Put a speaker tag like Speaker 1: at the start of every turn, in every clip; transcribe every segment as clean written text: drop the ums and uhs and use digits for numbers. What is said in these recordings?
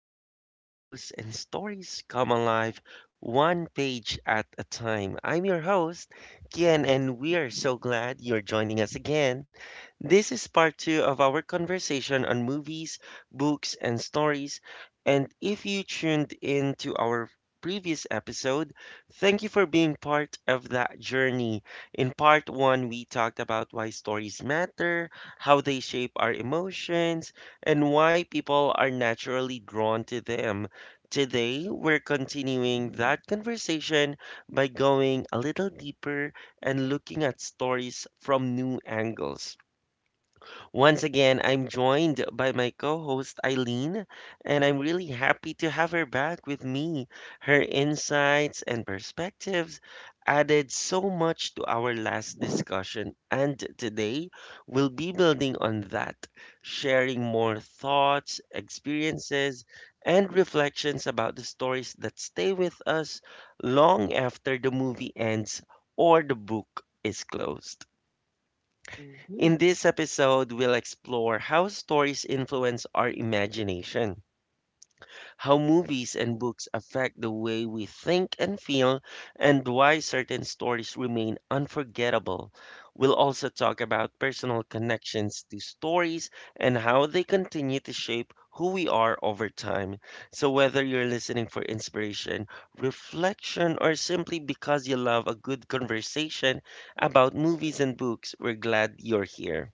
Speaker 1: imagination grows, and stories come alive one page at a time. I'm your host, Kian, and we are so glad you're joining us again. This is part two of our conversation on movies, books, and stories. And if you tuned in to our previous episode, thank you for being part of that journey. In part one, we talked about why stories matter, how they shape our emotions, and why people are naturally drawn to them. Today, we're continuing that conversation by going a little deeper and looking at stories from new angles. Once again, I'm joined by my co host Eileen, and I'm really happy to have her back with me. Her insights and perspectives added so much to our last discussion, and today we'll be building on that, sharing more thoughts, experiences, and reflections about the stories that stay with us long after the movie ends or the book is closed.
Speaker 2: Mhm.
Speaker 1: In this episode, we'll explore how stories influence our imagination, how movies and books affect the way we think and feel, and why certain stories remain unforgettable. We'll also talk about personal connections to stories and how they continue to shape who we are over time. So, whether you're listening for inspiration, reflection, or simply because you love a good conversation about movies and books, we're glad you're here.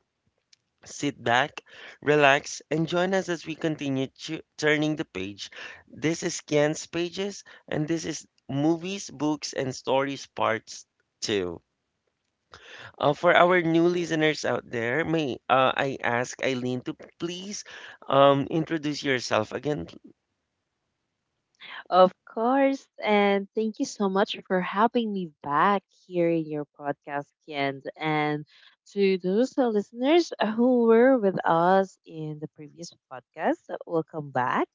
Speaker 1: Sit back, relax, and join us as we continue turning the page. This is Ken's Pages, and this is Movies, Books, and Stories Parts 2. For our new listeners out there, may I ask Eileen to please introduce yourself again?
Speaker 2: Of course. And thank you so much for having me back here in your podcast, Ken. And to those listeners who were with us in the previous podcast, welcome back.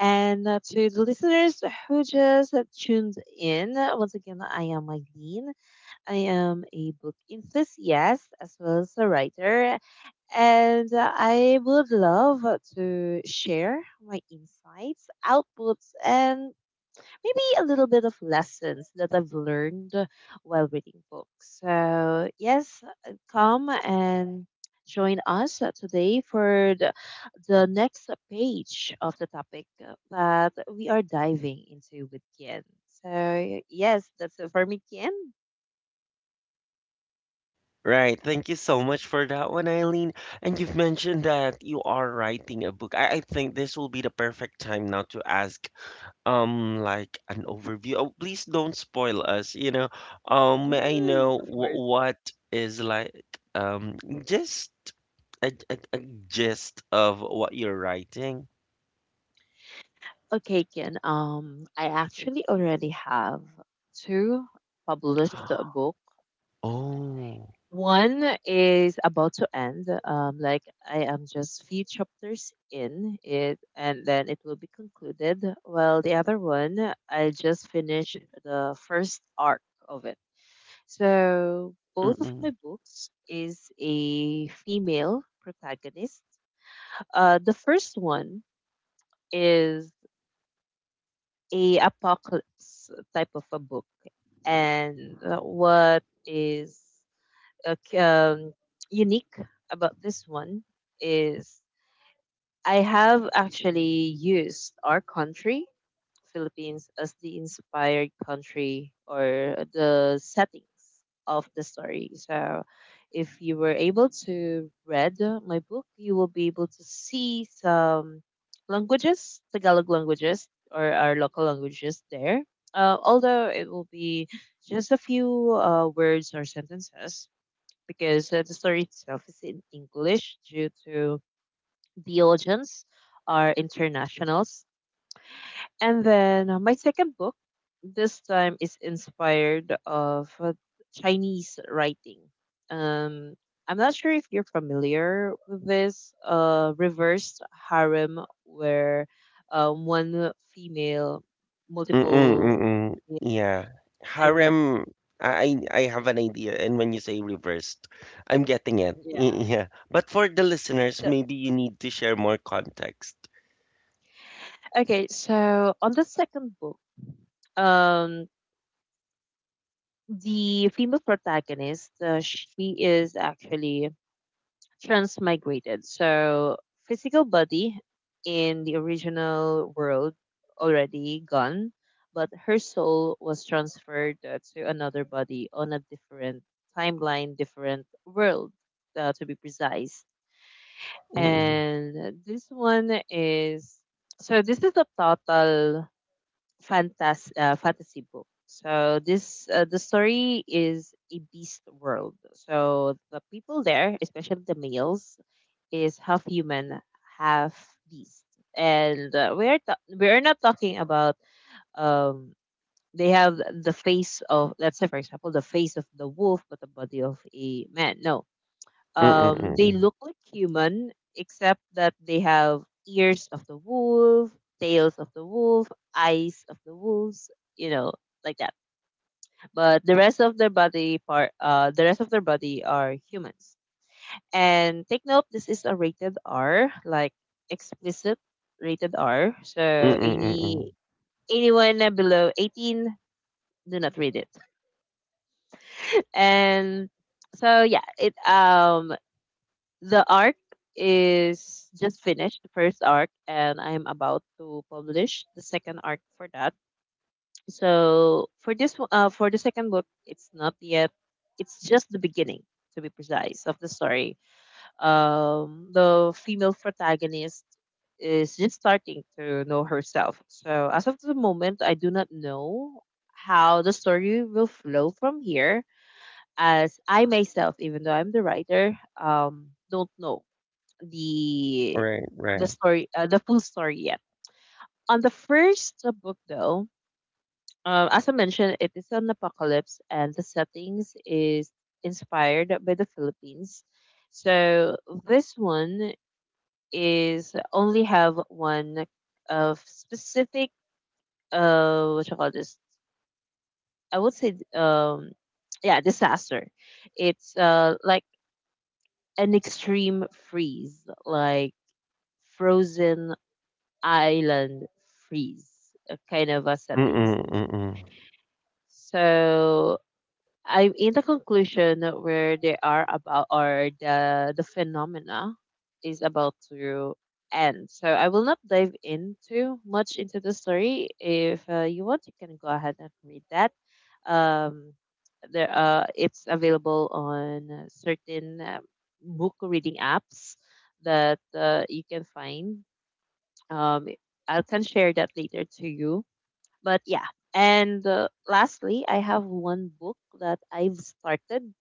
Speaker 2: And To the listeners who just tuned in, once again, I am Eileen. I am a book enthusiast as well as a writer. And I would love to share my insights, outputs, and maybe a little bit of lessons that I've learned while reading books. So, yes, come and join us today for the next page of the topic that we are diving into with Kian. So, yes, that's it for me, Kian.
Speaker 1: Right, thank you so much for that one, Eileen. And you've mentioned that you are writing a book. I think this will be the perfect time now to ask like an overview. Oh, please don't spoil us, you know. May I
Speaker 2: Mhm,
Speaker 1: know
Speaker 2: of
Speaker 1: wh-
Speaker 2: course.
Speaker 1: what is like um just a gist of what you're writing?
Speaker 2: Okay, Kian. I actually already have two published books.
Speaker 1: Oh,
Speaker 2: One is about to end. Like I am just few chapters in it, and then it will be concluded. While the other one, I just finished the first arc of it. So both of
Speaker 1: mm-mm,
Speaker 2: my books is a female protagonist. The first one is a apocalypse type of a book, and is uh, c- um, unique about this one is I have actually used our country, Philippines, as the inspired country or the settings of the story. So if you were able to read my book, you will be able to see some languages, Tagalog languages, or our local languages there. Although it will be just a few words or sentences, because the story itself is in English due to the audience are internationals. And then my second book this time is inspired of Chinese writing. Um, I'm not sure if you're familiar with this reverse harem where one female
Speaker 1: mm-mm,
Speaker 2: multiple
Speaker 1: mm-mm. Yeah,
Speaker 2: and
Speaker 1: harem. I have an idea, and when you say reversed, I'm getting it.
Speaker 2: yeah.
Speaker 1: Yeah, but for the listeners,
Speaker 2: So,
Speaker 1: maybe you need to share more context.
Speaker 2: okay, so on the second book, um, the female protagonist, she is actually transmigrated. So, physical body in the original world already gone, but her soul was transferred to another body on a different timeline, different world, to be precise.
Speaker 1: Mm-mm,
Speaker 2: And this one is so, this is a total fantasy book. So this the story is a beast world. So the people there, especially the males, is half human, half beast. And we're not talking about um they have the face of, let's say for example, the face of the wolf but the body of a man. No,
Speaker 1: mm-mm,
Speaker 2: they
Speaker 1: mm-mm,
Speaker 2: look like human, except that they have ears of the wolf, tails of the wolf, eyes of the wolves, you know, like that. But the rest of their body part, the rest of their body are humans. And take note, this is a rated R, like explicit rated R. So
Speaker 1: mm-mm, mm-mm.
Speaker 2: anyone below 18, do not read it. And so yeah, it The arc is just finished, the first arc, and I'm about to publish the second arc for that. So for for the second book, it's not yet. It's just the beginning, to be precise, of the story. The female protagonist is just starting to know herself. So as of the moment, I do not know how the story will flow from here as I myself, even though I'm the writer, don't know the
Speaker 1: Right,
Speaker 2: the
Speaker 1: right.
Speaker 2: story, the full story yet. On the first book, though, as I mentioned, it is an apocalypse, and the settings is inspired by the Philippines. So this one is only have one of specific uh, what you call this? I would say um, yeah, disaster. It's uh, like an extreme freeze, like frozen island freeze kind of a
Speaker 1: Mm-mm,
Speaker 2: settings.
Speaker 1: mm-mm.
Speaker 2: So I'm in the conclusion that where they are about or the phenomena is about to end. So I will not dive into much into the story. If you want, you can go ahead and read that. Um, there it's available on certain book reading apps that you can find. Um, I can share that later to you, but yeah. And lastly, I have one book that I've started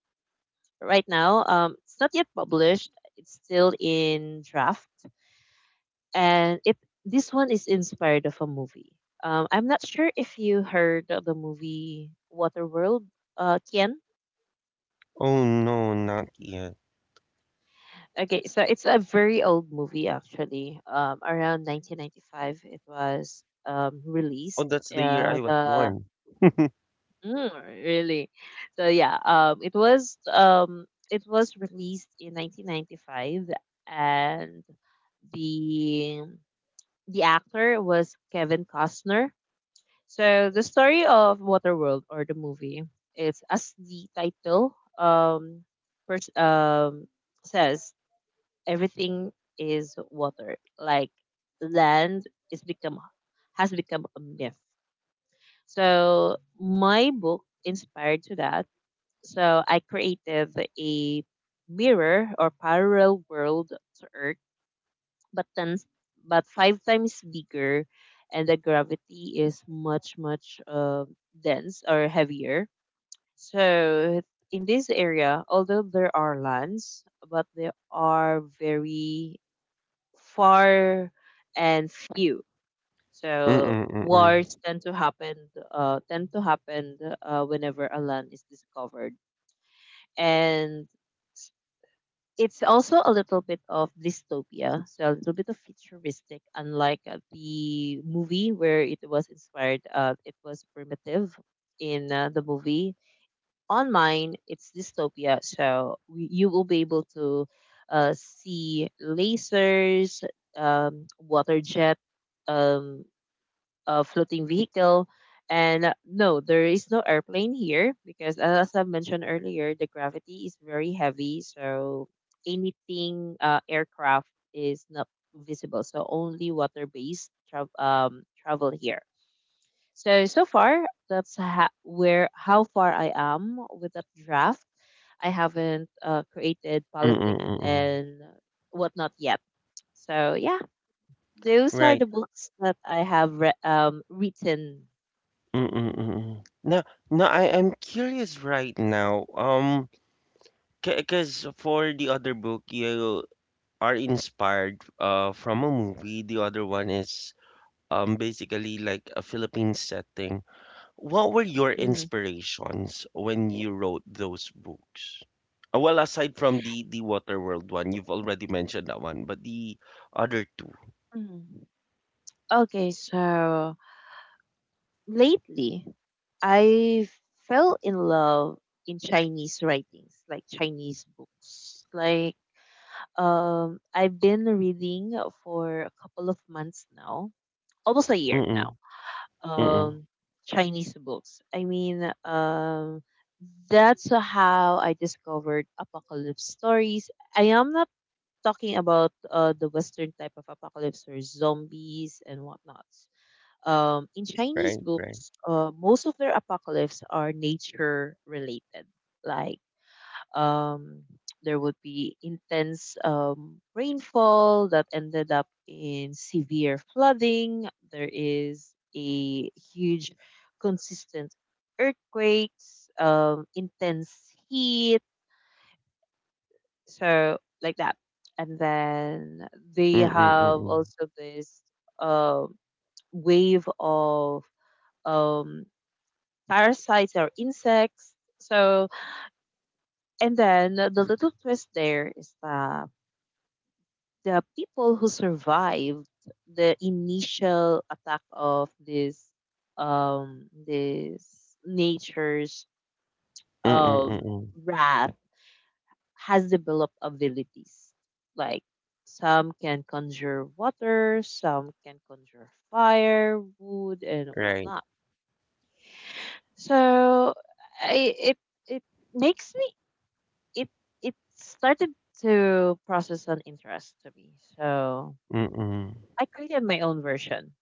Speaker 2: right now. It's not yet published. It's still in draft, and it this one is inspired of a movie. I'm not sure if you heard of the movie Waterworld, Kian.
Speaker 1: Oh no, not yet.
Speaker 2: Okay, so it's a very old movie actually. Around 1995, it was
Speaker 1: Oh,
Speaker 2: released.
Speaker 1: that's the year I was
Speaker 2: The
Speaker 1: born.
Speaker 2: Mm, really? So yeah, it was released in 1995, and the the actor was Kevin Costner. So the story of Waterworld or the movie is, as the title pers- um says, everything is water. Like land is become has become a myth. So my book inspired to that, so I created a mirror or parallel world to Earth, but then but five times bigger, and the gravity is much much dense or heavier. So in this area, although there are lands, but they are very far and few. So
Speaker 1: Mm-mm, mm-mm.
Speaker 2: wars tend to happen whenever a land is discovered, and it's also a little bit of dystopia, so a little bit of futuristic, unlike the movie where it was inspired. It was primitive in the movie. On mine, it's dystopia, so you will be able to see lasers, water jet, um, a floating vehicle. And no, there is no airplane here because, as I mentioned earlier, the gravity is very heavy. So anything aircraft is not visible. So only water based travel here. So so far, that's where how far I am with that draft. I haven't created
Speaker 1: Mm-mm,
Speaker 2: politics
Speaker 1: mm-mm.
Speaker 2: and whatnot yet. So yeah, those are
Speaker 1: Right.
Speaker 2: the books that I have written.
Speaker 1: Mm-mm, mm-mm. Now, now I'm curious right now. Because for the other book, you are inspired from a movie. The other one is basically like a Philippine setting. What were your
Speaker 2: Mm-hmm.
Speaker 1: inspirations when you wrote those books? Well, aside from the Waterworld one, you've already mentioned that one, but the other two.
Speaker 2: Mm. Okay, so lately I fell in love in Chinese writings, like Chinese books. Like um, I've been reading for a couple of months now, almost a year now.
Speaker 1: Mm-mm, mm-mm,
Speaker 2: Um, Chinese books. I mean, um, that's how I discovered apocalypse stories. I am not talking about the western type of apocalypse or zombies and whatnot. In Chinese
Speaker 1: right, right.
Speaker 2: books, most of their apocalypse are nature related. Like um, there would be intense rainfall that ended up in severe flooding. There is a huge, consistent earthquakes, intense heat, so like that. And then they
Speaker 1: Mm-mm,
Speaker 2: have
Speaker 1: mm-mm,
Speaker 2: also this um, wave of um, parasites or insects. So, and then the little twist there is that the people who survived the initial attack of this nature's
Speaker 1: mm-mm,
Speaker 2: um,
Speaker 1: mm-mm,
Speaker 2: wrath has developed abilities like some can conjure water, some can conjure fire, wood and
Speaker 1: right.
Speaker 2: whatnot. So I, it makes me it it started to process an interest to me. So
Speaker 1: Mm-mm,
Speaker 2: I created my own version.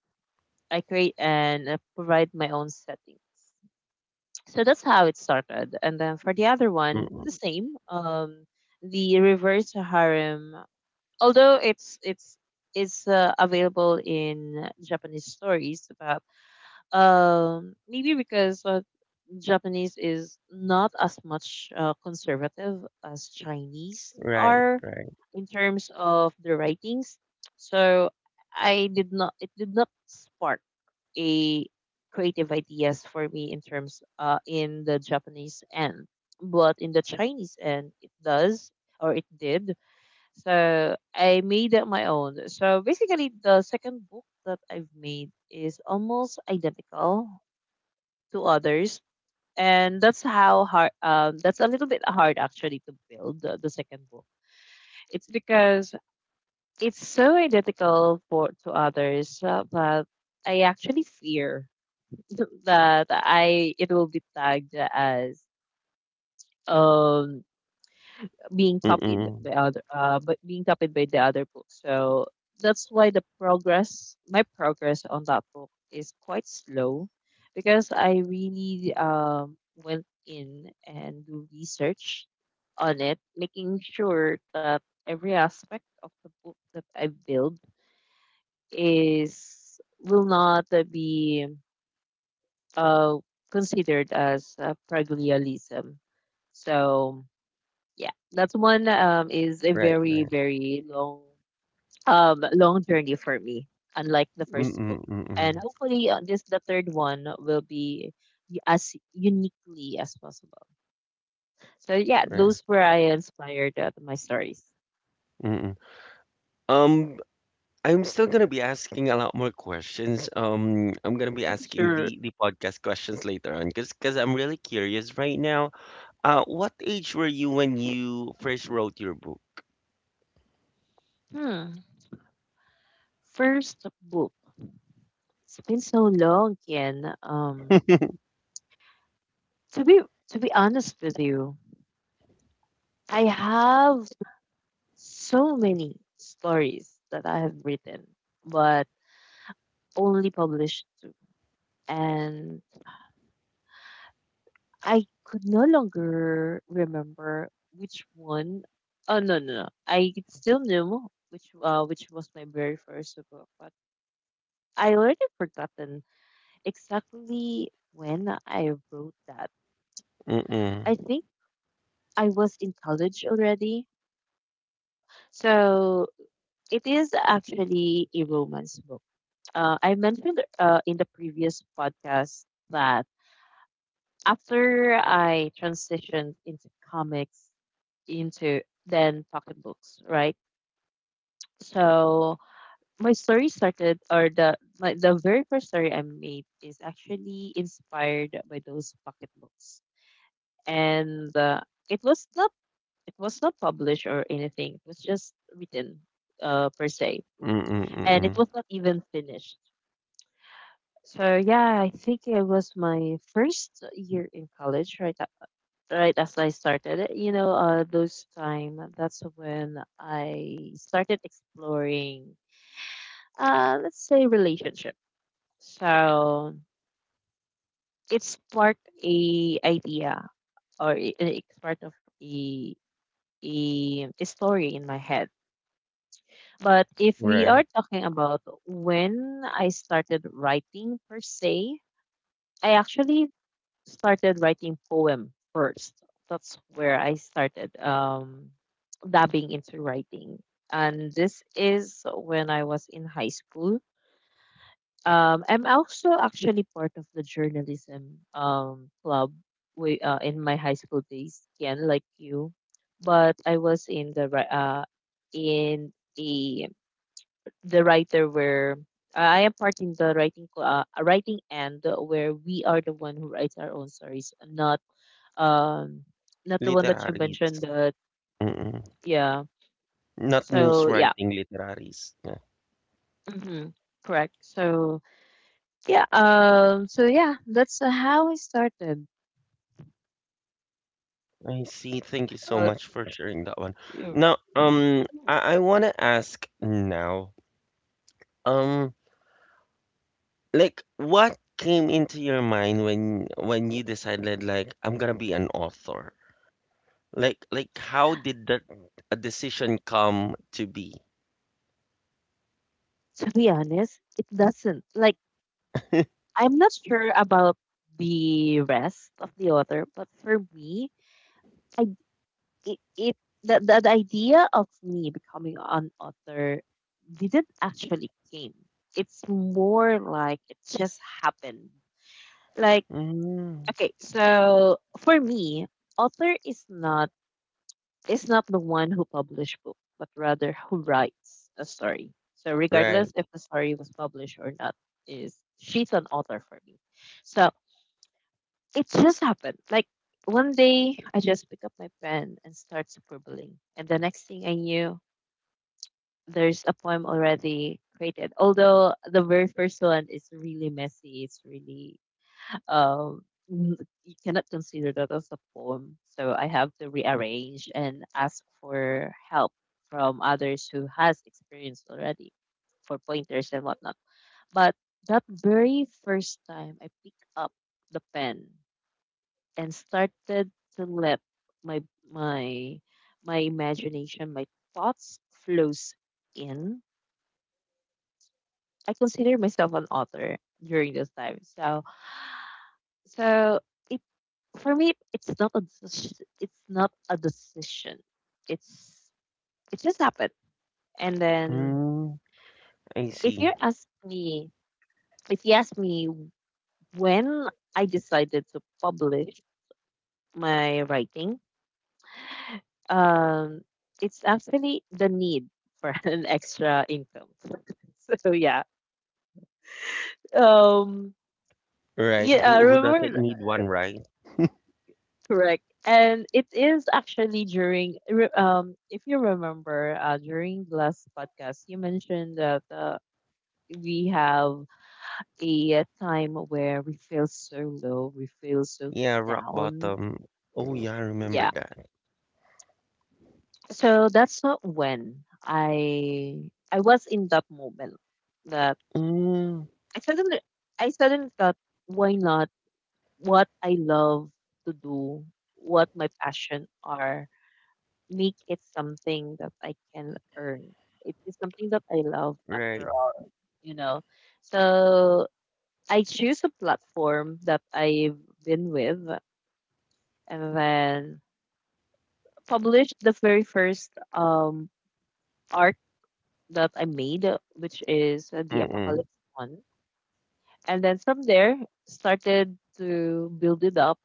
Speaker 2: I create and provide my own settings. So that's how it started. And then for the other one, the
Speaker 1: mm-mm,
Speaker 2: same. The reverse harem, although it's available in Japanese stories, about maybe because Japanese is not as much conservative as Chinese
Speaker 1: right,
Speaker 2: are
Speaker 1: right.
Speaker 2: in terms of the writings. So I did not it did not spark a creative ideas for me in terms uh, in the Japanese end. But in the Chinese end it does or it did. So I made it my own. So basically the second book that I've made is almost identical to others. And that's how hard um, that's a little bit hard actually to build the second book, it's because it's so identical for to others, but I actually fear that I it will be tagged as um,
Speaker 1: Mm-mm,
Speaker 2: being copied by the other book. So that's why the progress my progress on that book is quite slow because I really um, went in and do research on it, making sure that every aspect of the book that I build is will not be uh, considered as plagiarism. So yeah, that one is a
Speaker 1: right,
Speaker 2: very
Speaker 1: right.
Speaker 2: very long long journey for me, unlike the first
Speaker 1: Mm-mm,
Speaker 2: book.
Speaker 1: mm-mm,
Speaker 2: And hopefully, this the third one will be as uniquely as possible. So yeah,
Speaker 1: right.
Speaker 2: those were I inspired my stories.
Speaker 1: Mm-mm. Um, I'm still gonna be asking a lot more questions. I'm gonna be asking
Speaker 2: Sure.
Speaker 1: the podcast questions later on, cause I'm really curious right now. What age were you when you first wrote your book?
Speaker 2: Hmm. First book. It's been so long, Ken. To be to be honest with you, I have so many stories that I have written, but only published 2. And I could no longer remember which one. Oh no no no! I still knew which was my very first book, but I already forgotten exactly when I wrote that.
Speaker 1: Mm-mm,
Speaker 2: I think I was in college already, so it is actually a romance book, I mentioned in the previous podcast that after I transitioned into comics, into then pocketbooks, right? So my story started, or the very first story I made is actually inspired by those pocketbooks, and it was not it was not published or anything. It was just written, per se,
Speaker 1: mm-mm,
Speaker 2: and
Speaker 1: mm-mm.
Speaker 2: it was not even finished. So yeah, I think it was my first year in college, right? Right as I started it, you know, those time that's when I started exploring, let's say relationship. So it sparked a idea or it sparked of a story in my head. But if we are
Speaker 1: Right,
Speaker 2: talking about when I started writing per se, I actually started writing poem first. That's where I started dabbing into writing, and this is when I was in high school. I'm also actually part of the journalism club we, in my high school days, again like you, but I was in the in a the writer where I am part in the writing writing end where we are the one who writes our own stories, not um not the one that you
Speaker 1: literaries.
Speaker 2: mentioned that.
Speaker 1: Mm-mm.
Speaker 2: Yeah,
Speaker 1: Not
Speaker 2: so
Speaker 1: news
Speaker 2: yeah.
Speaker 1: writing, literaries. Yeah,
Speaker 2: Hmm, correct. So yeah, so yeah, that's how I started.
Speaker 1: I see. Thank you so
Speaker 2: uh
Speaker 1: much for sharing that one.
Speaker 2: you-
Speaker 1: Now,
Speaker 2: Hmm.
Speaker 1: I wanna ask now. Um, Like, what came into your mind when you decided like I'm gonna be an author? Like how did that a decision come to be?
Speaker 2: To be honest, it doesn't like, I'm not sure about the rest of the author, but for me, I it, it the idea of me becoming an author didn't actually came. It's more like it just happened, like.
Speaker 1: Mm,
Speaker 2: Okay, so for me, author is not the one who publish book, but rather who writes a story. So
Speaker 1: right.
Speaker 2: regardless if the story was published or not, is she's an author for me. So it just happened. Like one day I just pick up my pen and start scribbling. And the next thing I knew, there's a poem already created. Although the very first one is really messy, it's really uh, n- you cannot consider that as a poem. So I have to rearrange and ask for help from others who has experience already for pointers and whatnot. But that very first time I picked up the pen and started to let my my my imagination, my thoughts flows in. I consider myself an author during this time. So so it for me, it's not a decision. It's not a decision. It's it just happened. And then
Speaker 1: Mm, I
Speaker 2: if
Speaker 1: see.
Speaker 2: you ask me, if you ask me when I decided to publish my writing, um, it's actually the need for an extra income. So yeah, um,
Speaker 1: Right.
Speaker 2: yeah, I
Speaker 1: Who doesn't
Speaker 2: remember,
Speaker 1: need one, right?
Speaker 2: correct. And it is actually during, if you remember, during the last podcast, you mentioned that we have a time where we feel so low, we feel so
Speaker 1: Yeah, rock
Speaker 2: down.
Speaker 1: bottom. Oh yeah, I remember
Speaker 2: Yeah.
Speaker 1: that.
Speaker 2: So that's not when I was in that moment that
Speaker 1: Mm,
Speaker 2: I suddenly thought, why not what I love to do, what my passion are, make it something that I can earn. It is something that I love after
Speaker 1: right.
Speaker 2: all, you know. So I choose a platform that I've been with and then published the very first art that I made, which is the
Speaker 1: Mm-mm.
Speaker 2: Apocalypse one. And then from there, started to build it up.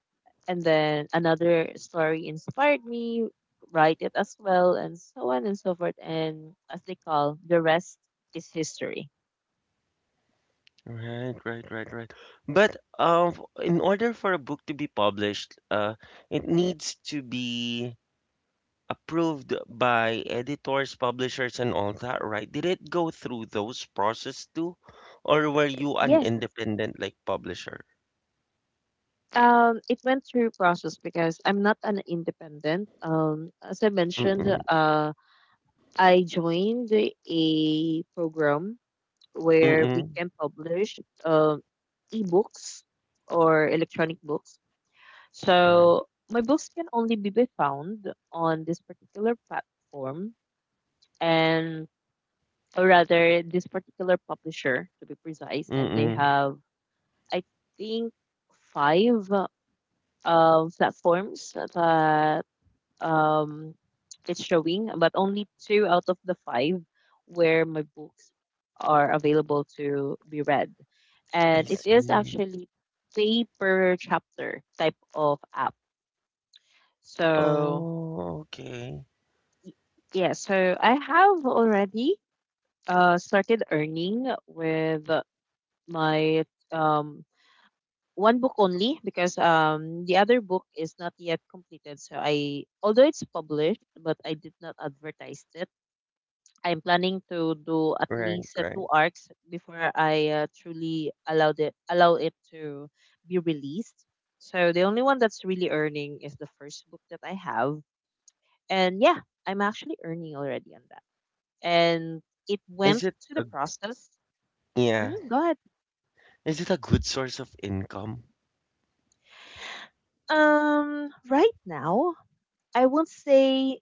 Speaker 2: And then another story inspired me, write it as well, and so on and so forth. And as they call, the rest is history.
Speaker 1: Right, right, right, right. But in order for a book to be published, it needs to be approved by editors, publishers, and all that, right? Did it go through those process too, or were you an
Speaker 2: Yes.
Speaker 1: independent like publisher?
Speaker 2: It went through process because I'm not an independent. As I mentioned,
Speaker 1: Mm-mm.
Speaker 2: I joined a program where we
Speaker 1: Mm-mm.
Speaker 2: can publish um ebooks or electronic books.
Speaker 1: Right.
Speaker 2: So my books can only be found on this particular platform and or rather this particular publisher to be precise, and they
Speaker 1: Mm-mm.
Speaker 2: have I think five platforms that um, it's showing, but only two out of the five where my books are available to be read.
Speaker 1: I
Speaker 2: And it is
Speaker 1: see.
Speaker 2: actually pay per chapter type of app. So,
Speaker 1: Oh, okay.
Speaker 2: y- yeah, so I have already started earning with my um, one book only because the other book is not yet completed. So, I, although it's published, but I did not advertise it. I'm planning to do at
Speaker 1: Right,
Speaker 2: least two
Speaker 1: right.
Speaker 2: arcs before I truly allow it to be released. So the only one that's really earning is the first book that I have, and yeah, I'm actually earning already on that. And it
Speaker 1: Is
Speaker 2: went
Speaker 1: it
Speaker 2: to the
Speaker 1: a,
Speaker 2: process.
Speaker 1: yeah.
Speaker 2: Hmm, go ahead.
Speaker 1: Is it a good source of income?
Speaker 2: Right now I won't say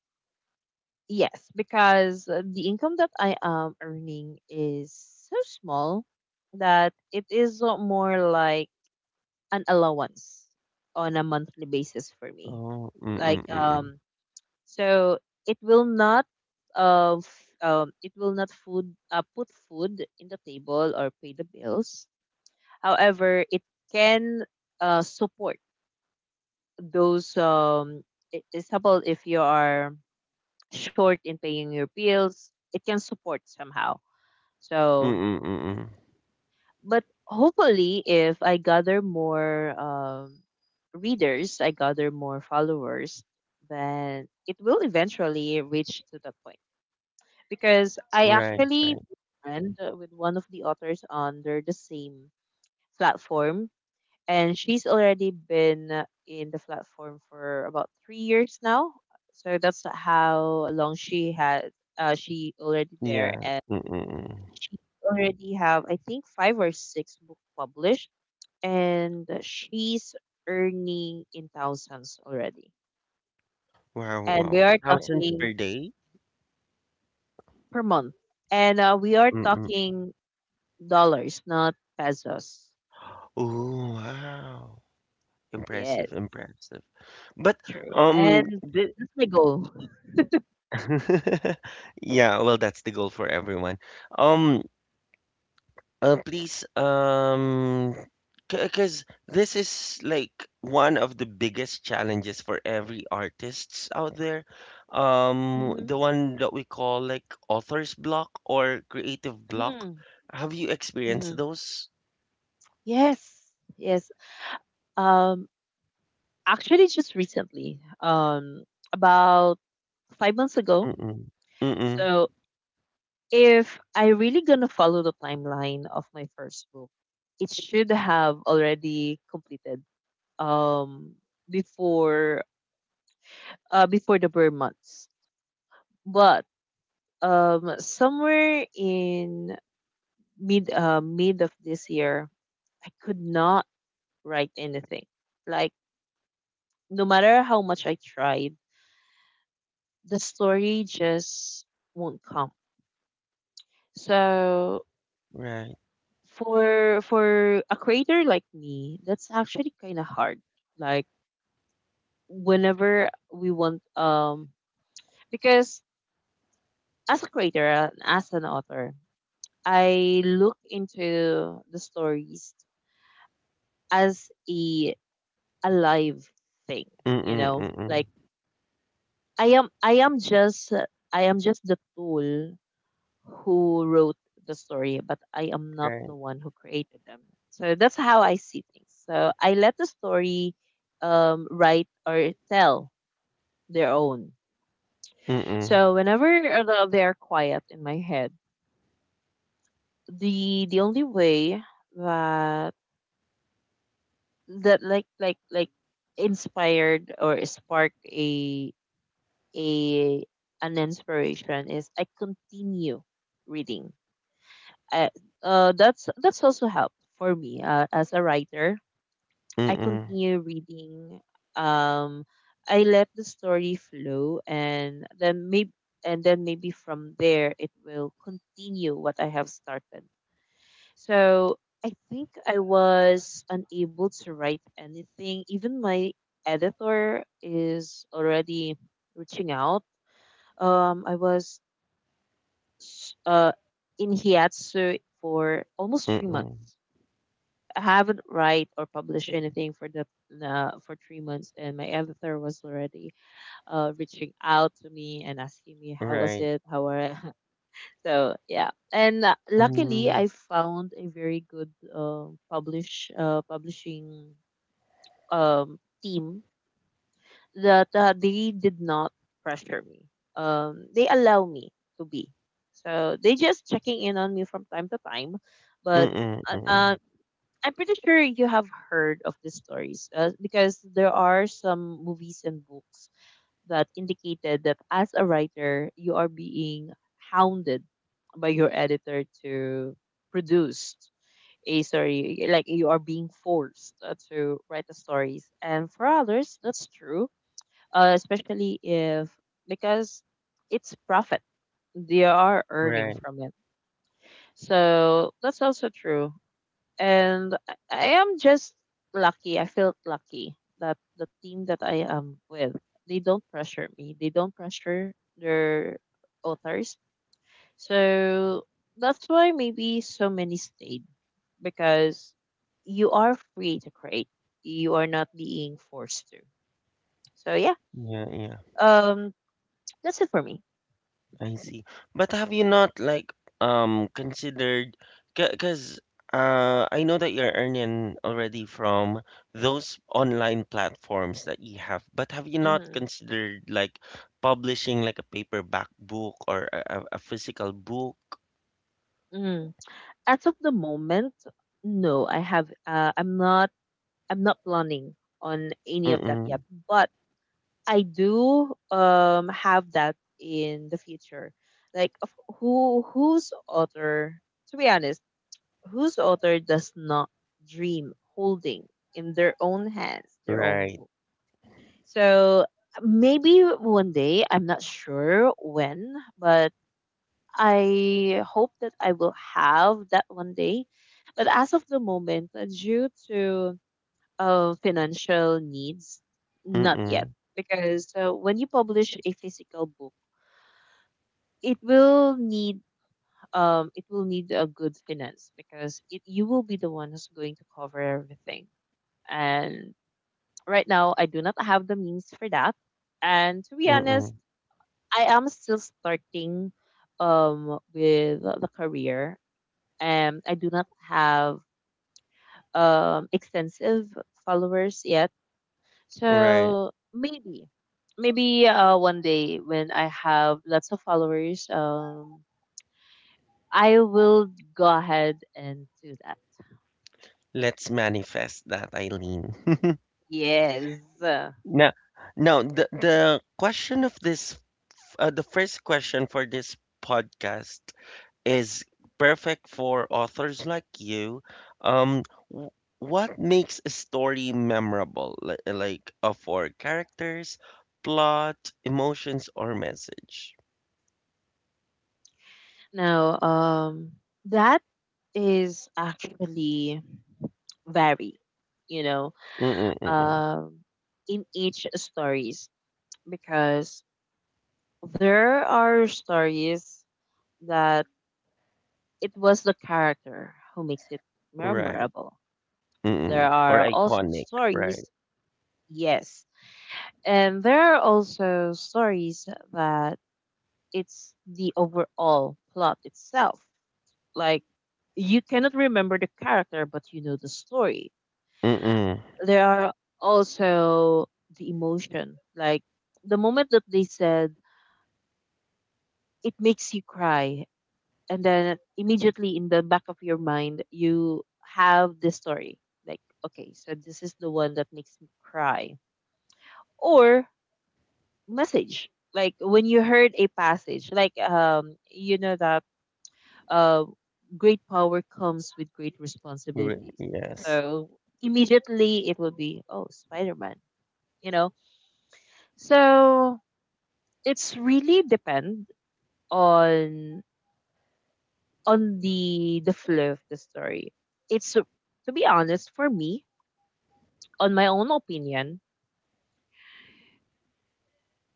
Speaker 2: yes because the income that I am earning is so small that it is more like an allowance on a monthly basis for me.
Speaker 1: Oh,
Speaker 2: Like
Speaker 1: mm-mm, mm-mm.
Speaker 2: so it will not of it will not food put food in the table or pay the bills. However, it can support those it's about if you are short in paying your bills, it can support somehow. So
Speaker 1: Mm-mm, mm-mm.
Speaker 2: but hopefully if I gather more readers, I gather more followers, then it will eventually reach to that point because I
Speaker 1: Right,
Speaker 2: actually
Speaker 1: right.
Speaker 2: friend with one of the authors under the same platform, and she's already been in the platform for about 3 years now, so that's how long she had she already there.
Speaker 1: Yeah.
Speaker 2: And
Speaker 1: Mm-mm. Mm.
Speaker 2: she already have I think five or six book published, and she's earning in thousands already.
Speaker 1: Wow,
Speaker 2: And we
Speaker 1: wow.
Speaker 2: are
Speaker 1: Thousands per
Speaker 2: talking
Speaker 1: day?
Speaker 2: per month. And we are
Speaker 1: Mm-mm.
Speaker 2: talking dollars, not pesos.
Speaker 1: Oh, wow.
Speaker 2: Yes,
Speaker 1: Impressive, impressive. But
Speaker 2: true. And
Speaker 1: the
Speaker 2: that's my goal.
Speaker 1: Yeah, well that's the goal for everyone. Um Please because this is like one of the biggest challenges for every artists out there. The
Speaker 2: Mm-hmm.
Speaker 1: one that we call like author's block or creative block.
Speaker 2: Mm-hmm.
Speaker 1: Have you experienced those?
Speaker 2: Yes, yes. Um, actually, just recently, about 5 months ago.
Speaker 1: Mm-mm. Mm-mm.
Speaker 2: So, if I really gonna follow the timeline of my first book, it should have already completed um before before the burn months. But somewhere in mid of this year, I could not write anything. Like no matter how much I tried, the story just won't come. So
Speaker 1: Right.
Speaker 2: for a creator like me, that's actually kind of hard. Like whenever we want because as a creator as an author, I look into the stories as a alive thing, you
Speaker 1: Mm-mm.
Speaker 2: know.
Speaker 1: Mm-mm.
Speaker 2: Like I am I am just I am just the tool who wrote the story, but I am not
Speaker 1: Right.
Speaker 2: the one who created them. So that's how I see things. So I let the story write or tell their own.
Speaker 1: Mm-mm.
Speaker 2: So whenever they're quiet in my head, the only way that that like inspired or sparked a an inspiration is I continue reading. I, that's also helped for me as a writer. I
Speaker 1: Mm-mm.
Speaker 2: continue reading. Um, I let the story flow, and then maybe from there it will continue what I have started. So I think I was unable to write anything. Even my editor is already reaching out. I was s- uh, in hiatsu for almost three
Speaker 1: Mm-mm.
Speaker 2: months. I haven't write or published anything for the for 3 months, and my editor was already reaching out to me and asking me how was
Speaker 1: Right.
Speaker 2: it, how are. So yeah, and luckily I
Speaker 1: Mm.
Speaker 2: found a very good publishing team that they did not pressure me. They allow me to be. So they just checking in on me from time to time, but
Speaker 1: Mm,
Speaker 2: uh, uh,
Speaker 1: mm.
Speaker 2: I'm pretty sure you have heard of these stories because there are some movies and books that indicated that as a writer, you are being hounded by your editor to produce a story, like you are being forced to write the stories. And for others, that's true, especially if because it's profit, they are earning
Speaker 1: Right.
Speaker 2: from it. So that's also true, and I am just lucky. I felt lucky that the team that I am with, they don't pressure me. They don't pressure their authors. So that's why maybe so many stayed because you are free to create. You are not being forced to. So yeah,
Speaker 1: Yeah, yeah.
Speaker 2: um, that's it for me.
Speaker 1: I see. But have you not like considered because I know that you're earning already from those online platforms that you have, but have you not
Speaker 2: Mhm,
Speaker 1: considered like publishing like a paperback book or a physical book?
Speaker 2: mhm. As of the moment, no, I have. I'm not. I'm not planning on any of that yet.
Speaker 1: Mm-mm.
Speaker 2: But I do have that in the future. Like of whose author? To be honest, whose author does not dream holding in their own hands their own.
Speaker 1: Right.
Speaker 2: So maybe one day, I'm not sure when, but I hope that I will have that one day. But as of the moment, due to financial needs, not yet.
Speaker 1: Mm-mm.
Speaker 2: Because when you publish a physical book, it will need it will need a good finance because it you will be the one who's going to cover everything. And right now, I do not have the means for that. And to be honest,
Speaker 1: Mm-mm.
Speaker 2: I am still starting with the career. And I do not have extensive followers yet.
Speaker 1: Right.
Speaker 2: So maybe one day when I have lots of followers, I will go ahead and do that.
Speaker 1: Let's manifest that, Eileen.
Speaker 2: Yes.
Speaker 1: No, no. The question of this, the first question for this podcast is perfect for authors like you. Um, w- what makes a story memorable? Like for characters, plot, emotions, or message?
Speaker 2: Now, that is actually vary, you know,
Speaker 1: Mm-mm-mm.
Speaker 2: um, in each stories. Because there are stories that it was the character who makes it
Speaker 1: Right.
Speaker 2: memorable.
Speaker 1: Mm-mm.
Speaker 2: There
Speaker 1: Or
Speaker 2: are also
Speaker 1: iconic. Right.
Speaker 2: stories, yes. And there are also stories that it's the overall plot itself. Like, you cannot remember the character, but you know the story.
Speaker 1: Mm-mm.
Speaker 2: There are also the emotion. Like, the moment that they said, it makes you cry, and then immediately in the back of your mind you have this story, like, okay, so this is the one that makes me cry. Or message, like when you heard a passage like you know that uh, great power comes with great responsibilities.
Speaker 1: Yes.
Speaker 2: So immediately it will be, oh, Spider-Man, you know. So it's really depend on on the flow of the story. It's, to be honest, for me, on my own opinion,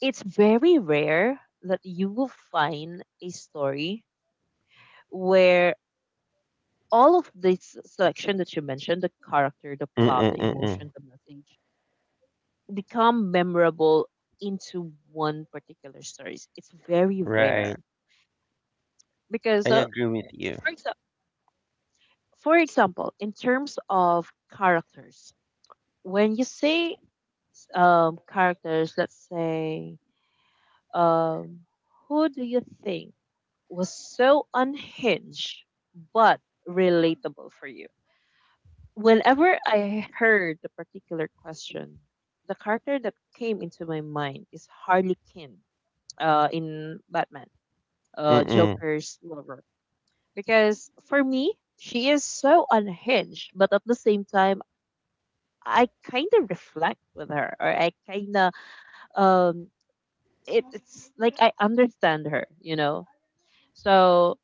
Speaker 2: it's very rare that you will find a story where all of this selection that you mentioned, the character, the plot, the
Speaker 1: Mm-mm-mm.
Speaker 2: emotion, the message, become memorable into one particular story. It's very
Speaker 1: Right.
Speaker 2: rare because,
Speaker 1: I agree with you.
Speaker 2: for, exa- for example, in terms of characters, when you say, characters, let's say, um, who do you think was so unhinged but relatable for you? Whenever I heard the particular question, the character that came into my mind is Harley Quinn, in Batman,
Speaker 1: Mm-mm.
Speaker 2: Joker's lover. Because for me, she is so unhinged, but at the same time, I kind of reflect with her, or I kind of, um, it's like I understand her, you know. So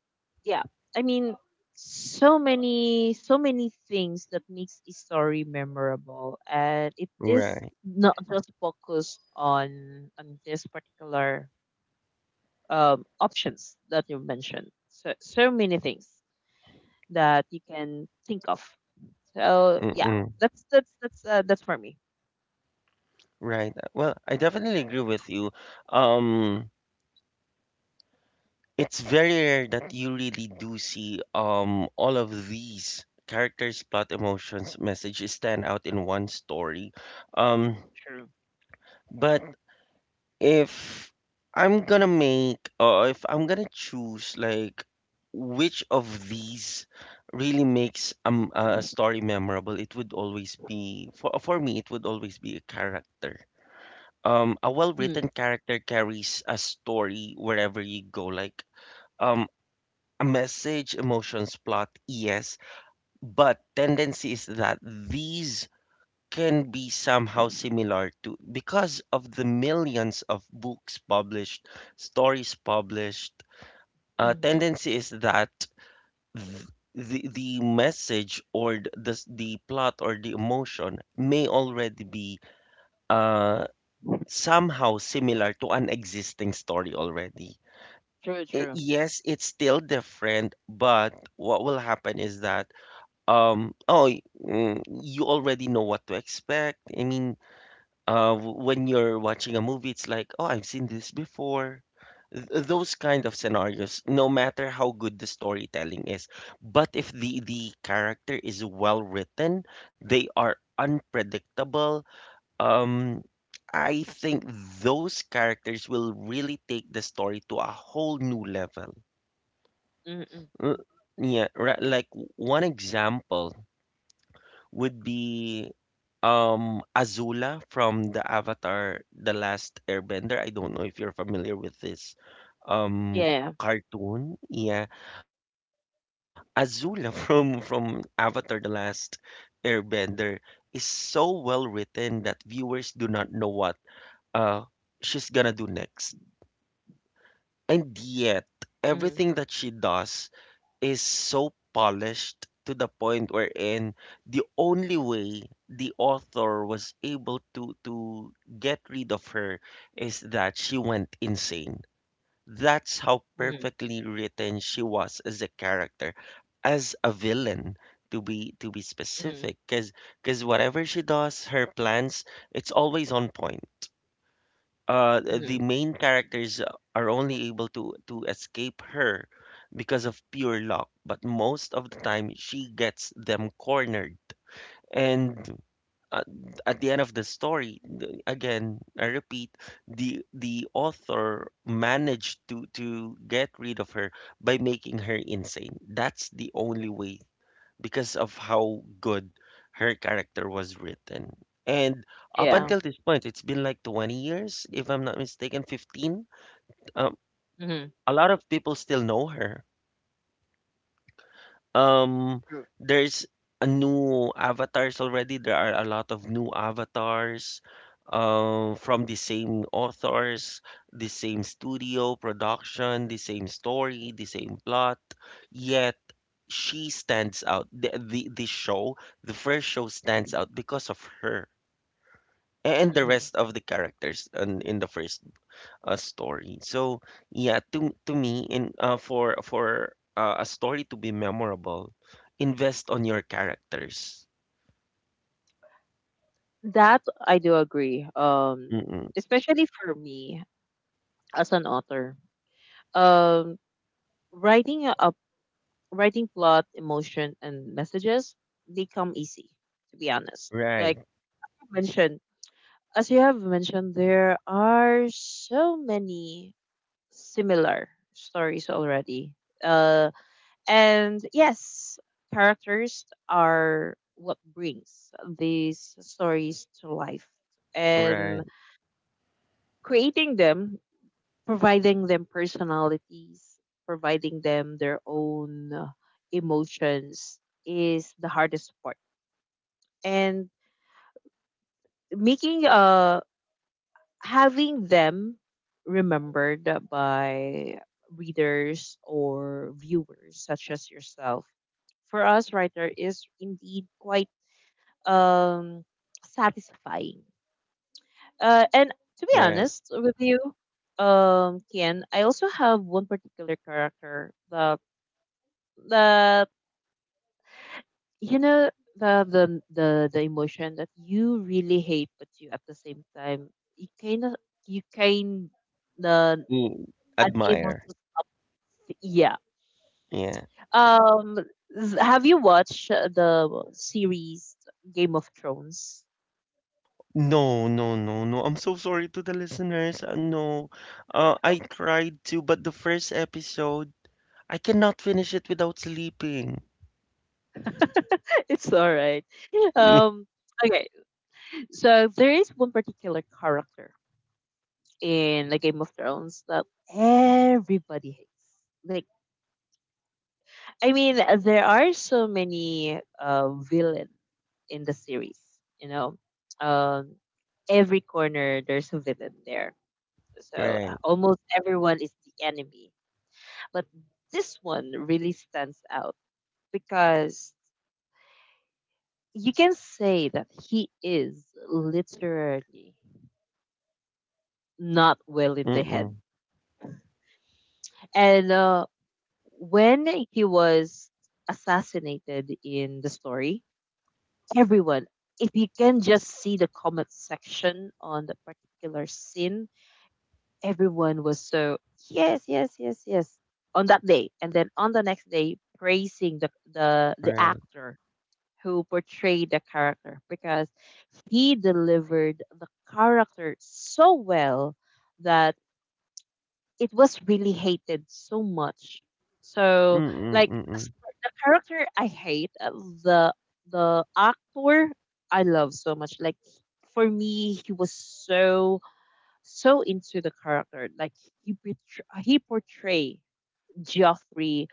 Speaker 2: yeah, I mean, so many, so many things that makes a story memorable, and it is
Speaker 1: Right.
Speaker 2: not just focused on this particular, options that you mentioned. So so many things that you can think of. So yeah,
Speaker 1: Mm-mm.
Speaker 2: that's for me.
Speaker 1: Right. Well, I definitely agree with you. Um, it's very rare that you really do see all of these characters, plot, emotions, messages stand out in one story. Um,
Speaker 2: True.
Speaker 1: but if I'm gonna make or if I'm gonna choose like which of these really makes a story memorable, it would always be for me, it would always be a character, a
Speaker 2: Mm,
Speaker 1: well-written character carries a story wherever you go. Like, um a message, emotions, plot, yes, but tendency is that these can be somehow similar to because of the millions of books published, stories published,
Speaker 2: mm-hmm.
Speaker 1: tendency is that th- the message or the plot or the emotion may already be uh somehow similar to an existing story already.
Speaker 2: True. True.
Speaker 1: Yes, it's still different, but what will happen is that oh, you already know what to expect. I mean, when you're watching a movie, it's like, oh, I've seen this before. Those kind of scenarios, no matter how good the storytelling is, but if the character is well written, they are unpredictable, um, I think those characters will really take the story to a whole new level.
Speaker 2: Mm-mm.
Speaker 1: L- Yeah, right, like one example would be Azula from the Avatar The Last Airbender. I don't know if you're familiar with this um
Speaker 2: Yeah.
Speaker 1: cartoon. Yeah, Azula from Avatar The Last Airbender is so well written that viewers do not know what uh, she's gonna do next. And yet,
Speaker 2: Yeah. Mm-hmm.
Speaker 1: everything that she does is so polished to the point wherein the only way the author was able to get rid of her is that she went insane. That's how perfectly written she was as a character, as a villain, to be
Speaker 2: Mm-hmm.
Speaker 1: specific, because whatever she does, her plans, it's always on point.
Speaker 2: Mm-hmm.
Speaker 1: The main characters are only able to escape her because of pure luck, but most of the time she gets them cornered, and uh, at the end of the story, again I repeat, the author managed to get rid of her by making her insane. That's the only way, because of how good her character was written. And up
Speaker 2: Yeah.
Speaker 1: until this point, it's been like 20 years, if I'm not mistaken, 15. Um,
Speaker 2: Mm-hmm.
Speaker 1: a lot of people still know her. Um,
Speaker 2: True.
Speaker 1: there's a new avatars already. There are a lot of new avatars from the same authors, the same studio production, the same story, the same plot. Yet she stands out. The show, the first show stands out because of her and the
Speaker 2: Mm-hmm.
Speaker 1: rest of the characters in, the first story. So yeah, to me, in for a story to be memorable, invest on your characters.
Speaker 2: That I do agree.
Speaker 1: Mm-mm.
Speaker 2: Especially for me, as an author, um, writing writing plot, emotion, and messages, they come easy. To be honest,
Speaker 1: Right,
Speaker 2: like you mentioned, as you have mentioned, there are so many similar stories already. Uh, and yes, characters are what brings these stories to life, and
Speaker 1: right,
Speaker 2: creating them, providing them personalities, providing them their own emotions, is the hardest part. And making having them remembered by readers or viewers such as yourself, for us writer, is indeed quite, um satisfying. And to be
Speaker 1: right.
Speaker 2: honest with you, Kian, I also have one particular character that, the you know, the emotion that you really hate but you, at the same time, you kind of, you kind of
Speaker 1: Mm,
Speaker 2: unable
Speaker 1: admire.
Speaker 2: to yeah.
Speaker 1: Yeah.
Speaker 2: um have you watched the series Game of Thrones?
Speaker 1: No, no, no, no. I'm so sorry to the listeners. No, I tried to, but the first episode. I cannot finish it without sleeping.
Speaker 2: It's all right. um okay, so there is one particular character in the Game of Thrones that everybody hates. Like, I mean, there are so many villain in the series. You know, um, every corner there's a villain there. So
Speaker 1: Right.
Speaker 2: almost everyone is the enemy. But this one really stands out because you can say that he is literally not well in the head.
Speaker 1: Mm-mm.
Speaker 2: And when he was assassinated in the story, everyone, if you can just see the comment section on the particular scene, everyone was so yes, yes, yes, yes on that day, and then on the next day praising the
Speaker 1: Right.
Speaker 2: actor who portrayed the character because he delivered the character so well that it was really hated so much. So,
Speaker 1: Mm-mm.
Speaker 2: like the
Speaker 1: Mm-mm.
Speaker 2: st- the character I hate, the the actor I love so much. Like for me, he was so so into the character. Like, he portray Joffrey,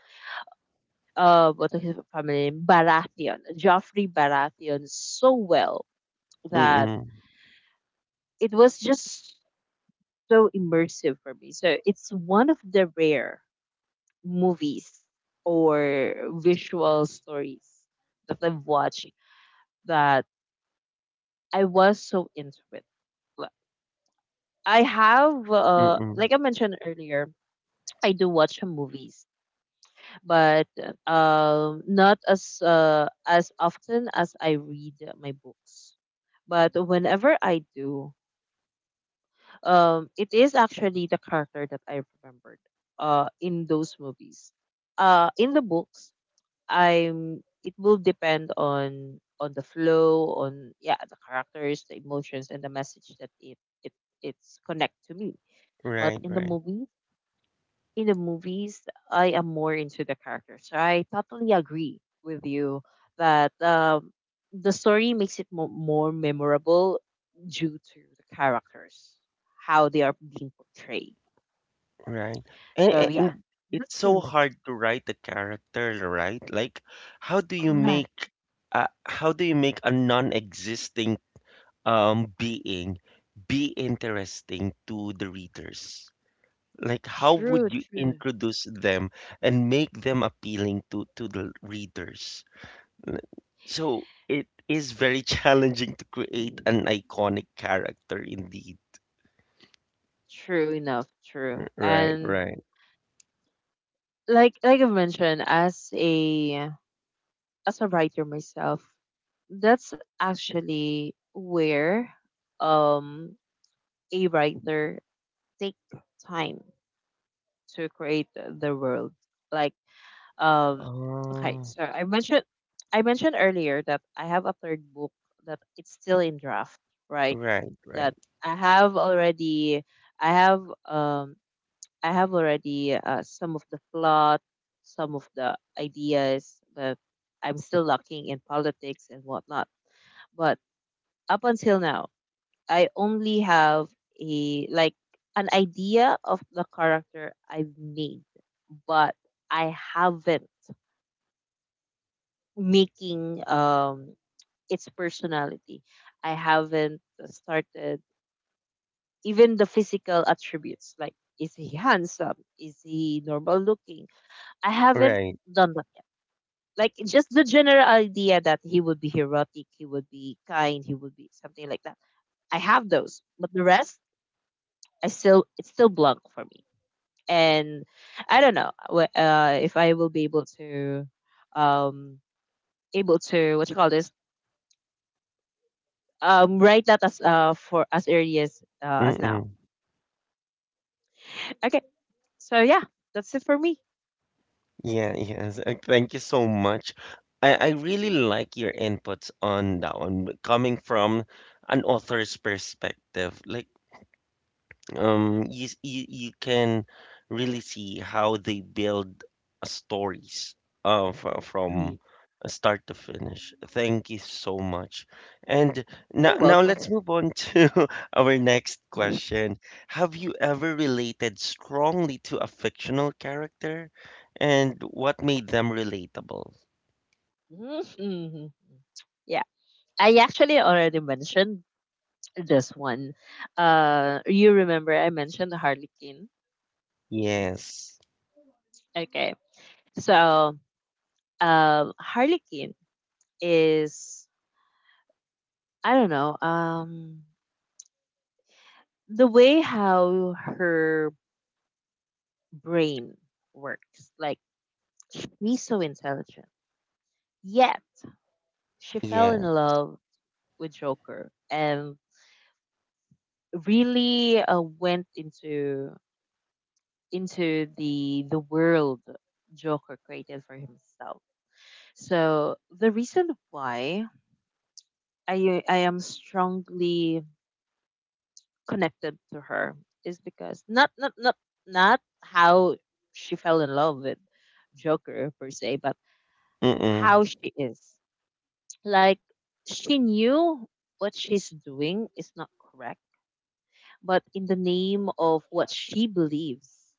Speaker 2: what is his family name? Baratheon, Joffrey Baratheon, so well that
Speaker 1: Mm-mm.
Speaker 2: it was just so immersive for me. So it's one of the rare movies or visual stories that I've watched that I was so into it. Like, I have,
Speaker 1: Mm-mm.
Speaker 2: like I mentioned earlier, I do watch movies, but not as as often as I read my books. But whenever I do, it is actually the character that I remembered in those movies. In the books, I'm it will depend on the flow, on, yeah, the characters, the emotions and the message that it it's connect to me. But
Speaker 1: Right.
Speaker 2: in the
Speaker 1: Right.
Speaker 2: movie, in the movies, I am more into the characters. So I totally agree with you that, the story makes it more memorable due to the characters, how they are being portrayed.
Speaker 1: Right.
Speaker 2: So yeah,
Speaker 1: And
Speaker 2: that's
Speaker 1: it's so
Speaker 2: true.
Speaker 1: hard to write a character, right? Like, how do you
Speaker 2: Correct.
Speaker 1: make how do you make a non-existing being be interesting to the readers? Like, how
Speaker 2: True,
Speaker 1: would you
Speaker 2: true.
Speaker 1: introduce them and make them appealing to the readers? So it is very challenging to create an iconic character indeed.
Speaker 2: True enough, true.
Speaker 1: Right,
Speaker 2: And
Speaker 1: right.
Speaker 2: like I mentioned, as a writer myself, that's actually where, um a writer take time to create the world. Like, um okay,
Speaker 1: Oh,
Speaker 2: so I mentioned earlier that I have a third book that it's still in draft, right?
Speaker 1: right,
Speaker 2: That
Speaker 1: right,
Speaker 2: I have already, I have um I have already some of the plot, some of the ideas, but I'm still lacking in politics and whatnot. But up until now, I only have a, like an idea of the character I've made, but I haven't making, its personality. I haven't started even the physical attributes, like, is he handsome? Is he normal looking? I haven't
Speaker 1: right.
Speaker 2: done that, like just the general idea that he would be heroic, he would be kind, he would be something like that. I have those, but the rest, I still it's still blank for me. And I don't know if I will be able to, um, able to what you call this, write that as for as early as now.
Speaker 1: Mm-mm.
Speaker 2: Okay, so yeah, that's it for me.
Speaker 1: Yeah, yes. Thank you so much. I really like your inputs on that one, but coming from an author's perspective. Like, you, you you can really see how they build stories from
Speaker 2: Mhm.
Speaker 1: start to finish. Thank you so much, and now,
Speaker 2: You're
Speaker 1: now
Speaker 2: welcome.
Speaker 1: let's move on to our next question. Have you ever related strongly to a fictional character, and what made them relatable?
Speaker 2: Mhm. Mhm. Yeah, I actually already mentioned this one. You remember I mentioned the Harley Quinn.
Speaker 1: Yes.
Speaker 2: Okay, so Harley Quinn is, I don't know, the way how her brain works. Like, she's so intelligent, yet she fell in
Speaker 1: Yeah,
Speaker 2: love with Joker and really went into the world Joker created for himself. So the reason why I am strongly connected to her is because not not how she fell in love with Joker per se, but
Speaker 1: mm-mm.
Speaker 2: how she is. Like, she knew what she's doing is not correct, but in the name of what she believes,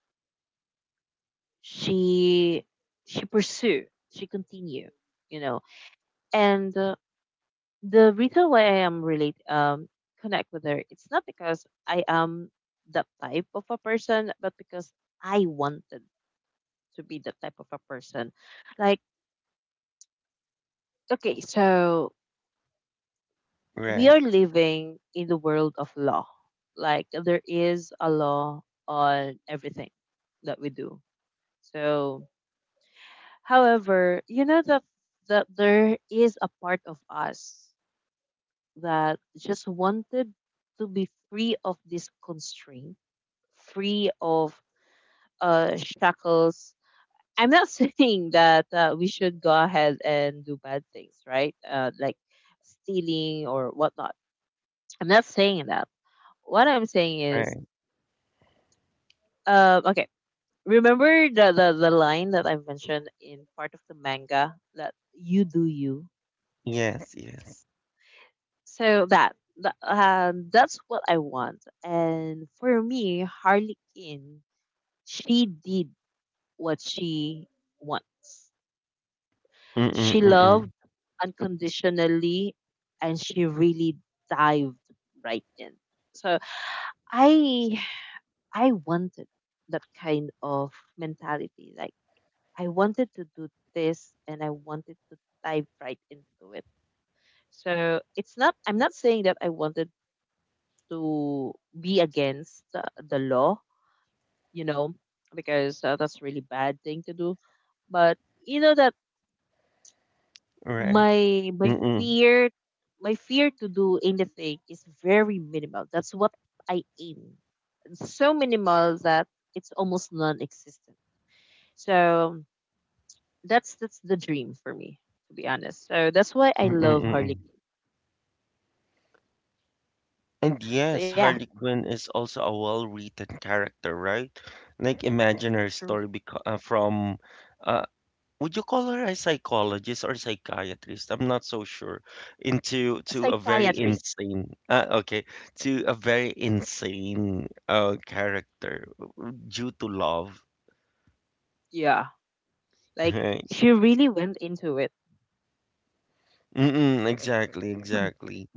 Speaker 2: she she pursue, she continue, you know. And the reason why I am relate connect with her, it's not because I am that type of a person, but because I wanted to be that type of a person. Like, okay, so we
Speaker 1: Right,
Speaker 2: are living in the world of law. Like, there is a law on everything that we do. So, however, you know that, that there is a part of us that just wanted to be free of this constraint, free of, shackles. I'm not saying that we should go ahead and do bad things, right? Like stealing or whatnot. I'm not saying that. What I'm saying is,
Speaker 1: right.
Speaker 2: okay, remember the line that I mentioned in part of the manga that you do you?
Speaker 1: Yes, yes.
Speaker 2: So that, that that's what I want. And for me, Harley Quinn, she did what she wants.
Speaker 1: Mm-mm,
Speaker 2: She
Speaker 1: mm-mm.
Speaker 2: loved unconditionally and she really dived right in. So I I wanted that kind of mentality. Like, I wanted to do this and I wanted to dive right into it. So it's not, I'm not saying that I wanted to be against the law, you know, because that's a really bad thing to do, but you know that
Speaker 1: Right.
Speaker 2: my my
Speaker 1: Mm-mm.
Speaker 2: fear my fear to do anything is very minimal. That's what I aim. So minimal that it's almost non-existent. So that's the dream for me, to be honest. So that's why I love Harley.
Speaker 1: Mm-mm-mm.
Speaker 2: Quinn.
Speaker 1: And
Speaker 2: So
Speaker 1: yes,
Speaker 2: yeah,
Speaker 1: Harley Quinn is also a well-written character, right? Like imagine her
Speaker 2: true.
Speaker 1: story from uh would you call her a psychologist or psychiatrist? I'm not so sure. Into
Speaker 2: A
Speaker 1: to a very
Speaker 2: psychiatrist.
Speaker 1: insane to a very insane character due to love,
Speaker 2: Yeah, like
Speaker 1: right?
Speaker 2: she really went into it.
Speaker 1: Mm-mm, exactly,
Speaker 2: Mhm.
Speaker 1: exactly.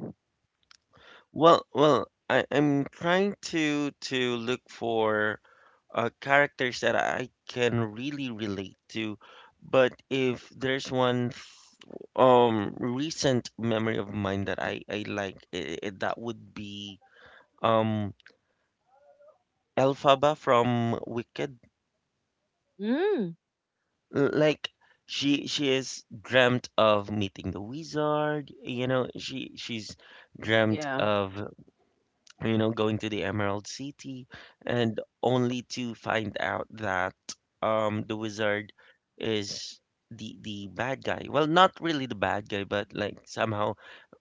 Speaker 1: Well, I'm trying to look for characters that I can really relate to. But if there's one recent memory of mine that I like, that would be um Elphaba from Wicked.
Speaker 2: Mm,
Speaker 1: Like she is dreamt of meeting the wizard. You know, she's dreamt
Speaker 2: yeah.
Speaker 1: of you know, going to the Emerald City, and only to find out that the wizard is the bad guy. Well, not really the bad guy, but like somehow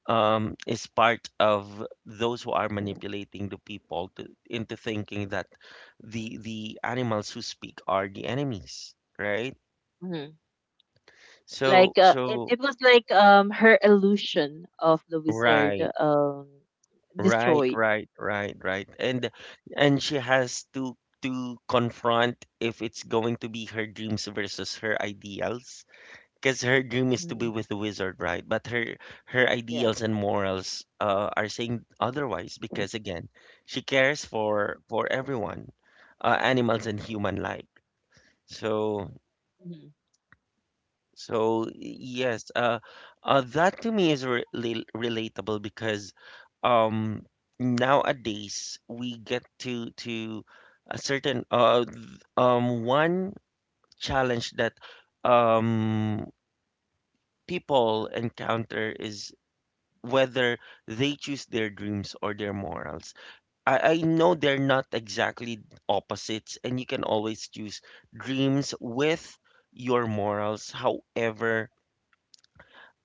Speaker 1: is part of those who are manipulating the people into thinking that the animals who speak are the enemies, right?
Speaker 2: Hmm.
Speaker 1: So
Speaker 2: Like, it,
Speaker 1: so
Speaker 2: it was like, her illusion of the wizard,
Speaker 1: right. Right,
Speaker 2: destroyed.
Speaker 1: right, right, right. And she has to confront if it's going to be her dreams versus her ideals. Because her dream is to be
Speaker 2: Hmm.
Speaker 1: with the wizard, right? But her
Speaker 2: Yeah.
Speaker 1: ideals and morals are saying otherwise because again, she cares for everyone, animals and human like. So
Speaker 2: Hmm.
Speaker 1: so yes, that to me is relatable because um, nowadays we get to a certain one challenge that um, people encounter is whether they choose their dreams or their morals. I know they're not exactly opposites, and you can always choose dreams with your morals. However,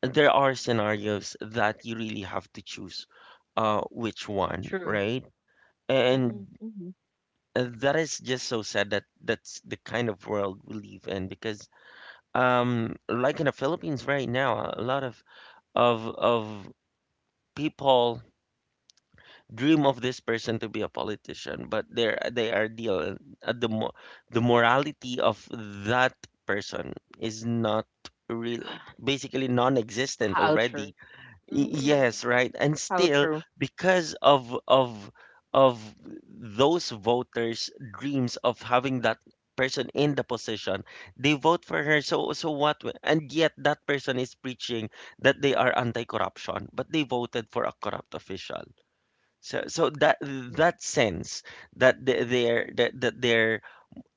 Speaker 1: there are scenarios that you really have to choose which one,
Speaker 2: True.
Speaker 1: right?
Speaker 2: Hmm.
Speaker 1: And
Speaker 2: Hmm.
Speaker 1: that is just so sad that that's the kind of world we live in because like in the Philippines right now, a lot of people dream of this person to be a politician, but they're they are deal the mo the morality of that person is not real, basically non-existent
Speaker 2: How true.
Speaker 1: already.
Speaker 2: Hmm.
Speaker 1: Yes, right. And
Speaker 2: How
Speaker 1: still,
Speaker 2: true.
Speaker 1: because of those voters' dreams of having that person in the position, they vote for her. And yet that person is preaching that they are anti-corruption, but they voted for a corrupt official. That
Speaker 2: Hmm.
Speaker 1: that sense that they're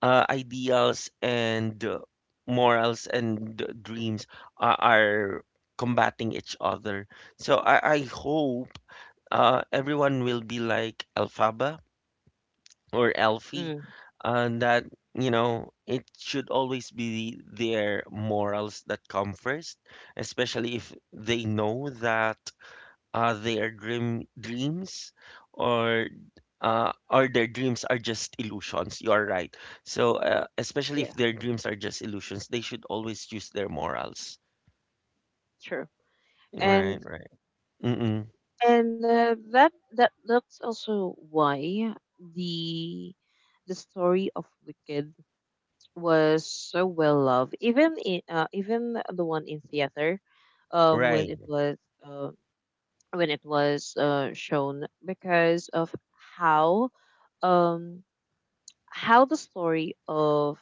Speaker 1: ideals and morals and dreams are combating each other. So I hope everyone will be like Alphaba or Alfie,
Speaker 2: Mm.
Speaker 1: and that you know it should always be their morals that come first, especially if they know that their dream dreams or their dreams are just illusions. You are right. So, especially if
Speaker 2: Yeah.
Speaker 1: their dreams are just illusions, they should always choose their morals.
Speaker 2: True.
Speaker 1: Right,
Speaker 2: And
Speaker 1: right. Mm-mm.
Speaker 2: and that's also why the the story of Wicked was so well loved, even in, even the one in theater, when
Speaker 1: Right.
Speaker 2: it was uh, shown, because of how, um how the story of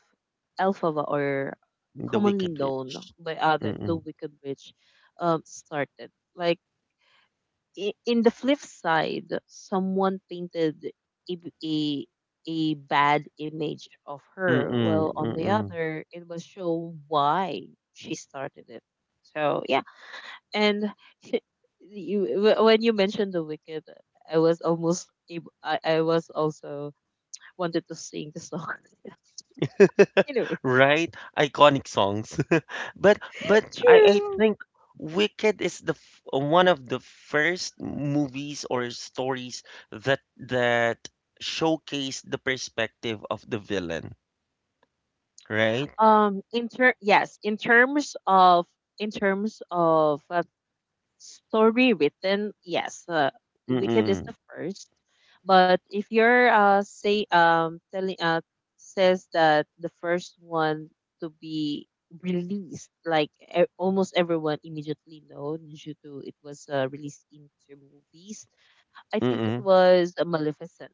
Speaker 2: Elphaba, or
Speaker 1: The
Speaker 2: commonly
Speaker 1: Wicked
Speaker 2: known
Speaker 1: Witch.
Speaker 2: by other the
Speaker 1: Mm-mm.
Speaker 2: Wicked Witch, started. Like, in the flip side, someone painted a a a bad image of her.
Speaker 1: Mm-mm.
Speaker 2: Well, on the
Speaker 1: Mm-mm.
Speaker 2: other, it will show why she started it. So yeah, and you when you mentioned the Wicked, I was almost I was also wanted to sing the song. Anyway,
Speaker 1: Right? Iconic songs. But I
Speaker 2: true.
Speaker 1: think Wicked is one of the first movies or stories that that showcase the perspective of the villain, right?
Speaker 2: In yes, in terms of in terms of uh, story written, yes, Wicked is
Speaker 1: Mm-mm.
Speaker 2: the first. But if you're say, telling says that the first one to be released, like, almost everyone immediately know due to it was released into movies. I think it
Speaker 1: Mm-mm.
Speaker 2: was Maleficent.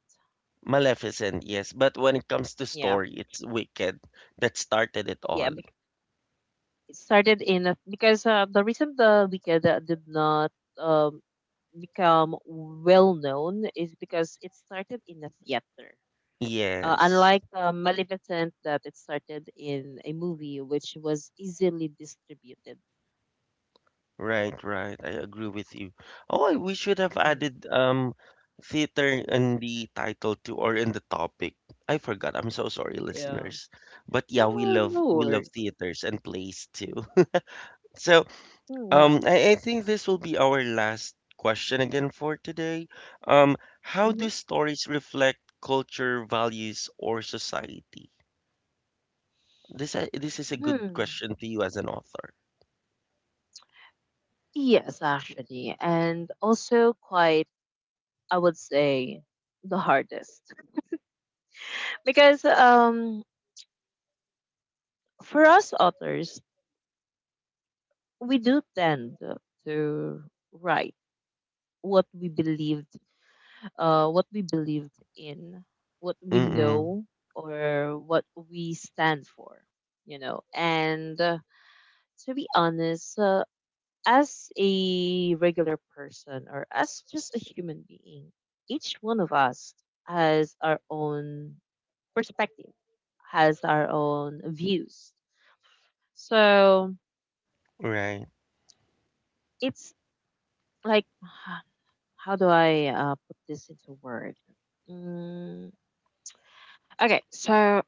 Speaker 1: Maleficent, yes. But when it comes to
Speaker 2: Yeah,
Speaker 1: story, it's Wicked that started it
Speaker 2: yeah.
Speaker 1: all.
Speaker 2: It started in a, because the reason the Wicked did not um become well known is because it started in a theater.
Speaker 1: Yes.
Speaker 2: Unlike Maleficent, that it started in a movie which was easily distributed.
Speaker 1: Right, right. I agree with you. Oh, we should have
Speaker 2: Mhm.
Speaker 1: added theater in the title too or in the topic. I forgot. I'm so sorry,
Speaker 2: Yeah.
Speaker 1: listeners. But yeah, we
Speaker 2: Oh,
Speaker 1: love
Speaker 2: no
Speaker 1: we love
Speaker 2: worries.
Speaker 1: theaters and plays too. So,
Speaker 2: Hmm.
Speaker 1: I think this will be our last question again for today. How do
Speaker 2: Mhm.
Speaker 1: stories reflect culture, values, or society? This is a good
Speaker 2: Hmm.
Speaker 1: question to you as an author.
Speaker 2: Yes, actually. And also quite, I would say, the hardest. Because For us authors, we do tend to write what we believed. What we believe in, what we
Speaker 1: Mm-mm.
Speaker 2: know, or what we stand for. And To be honest, as a regular person or as just a human being, each one of us has our own perspective, has our own views. So
Speaker 1: Right.
Speaker 2: it's like, how do I put this into word? Mm, okay, so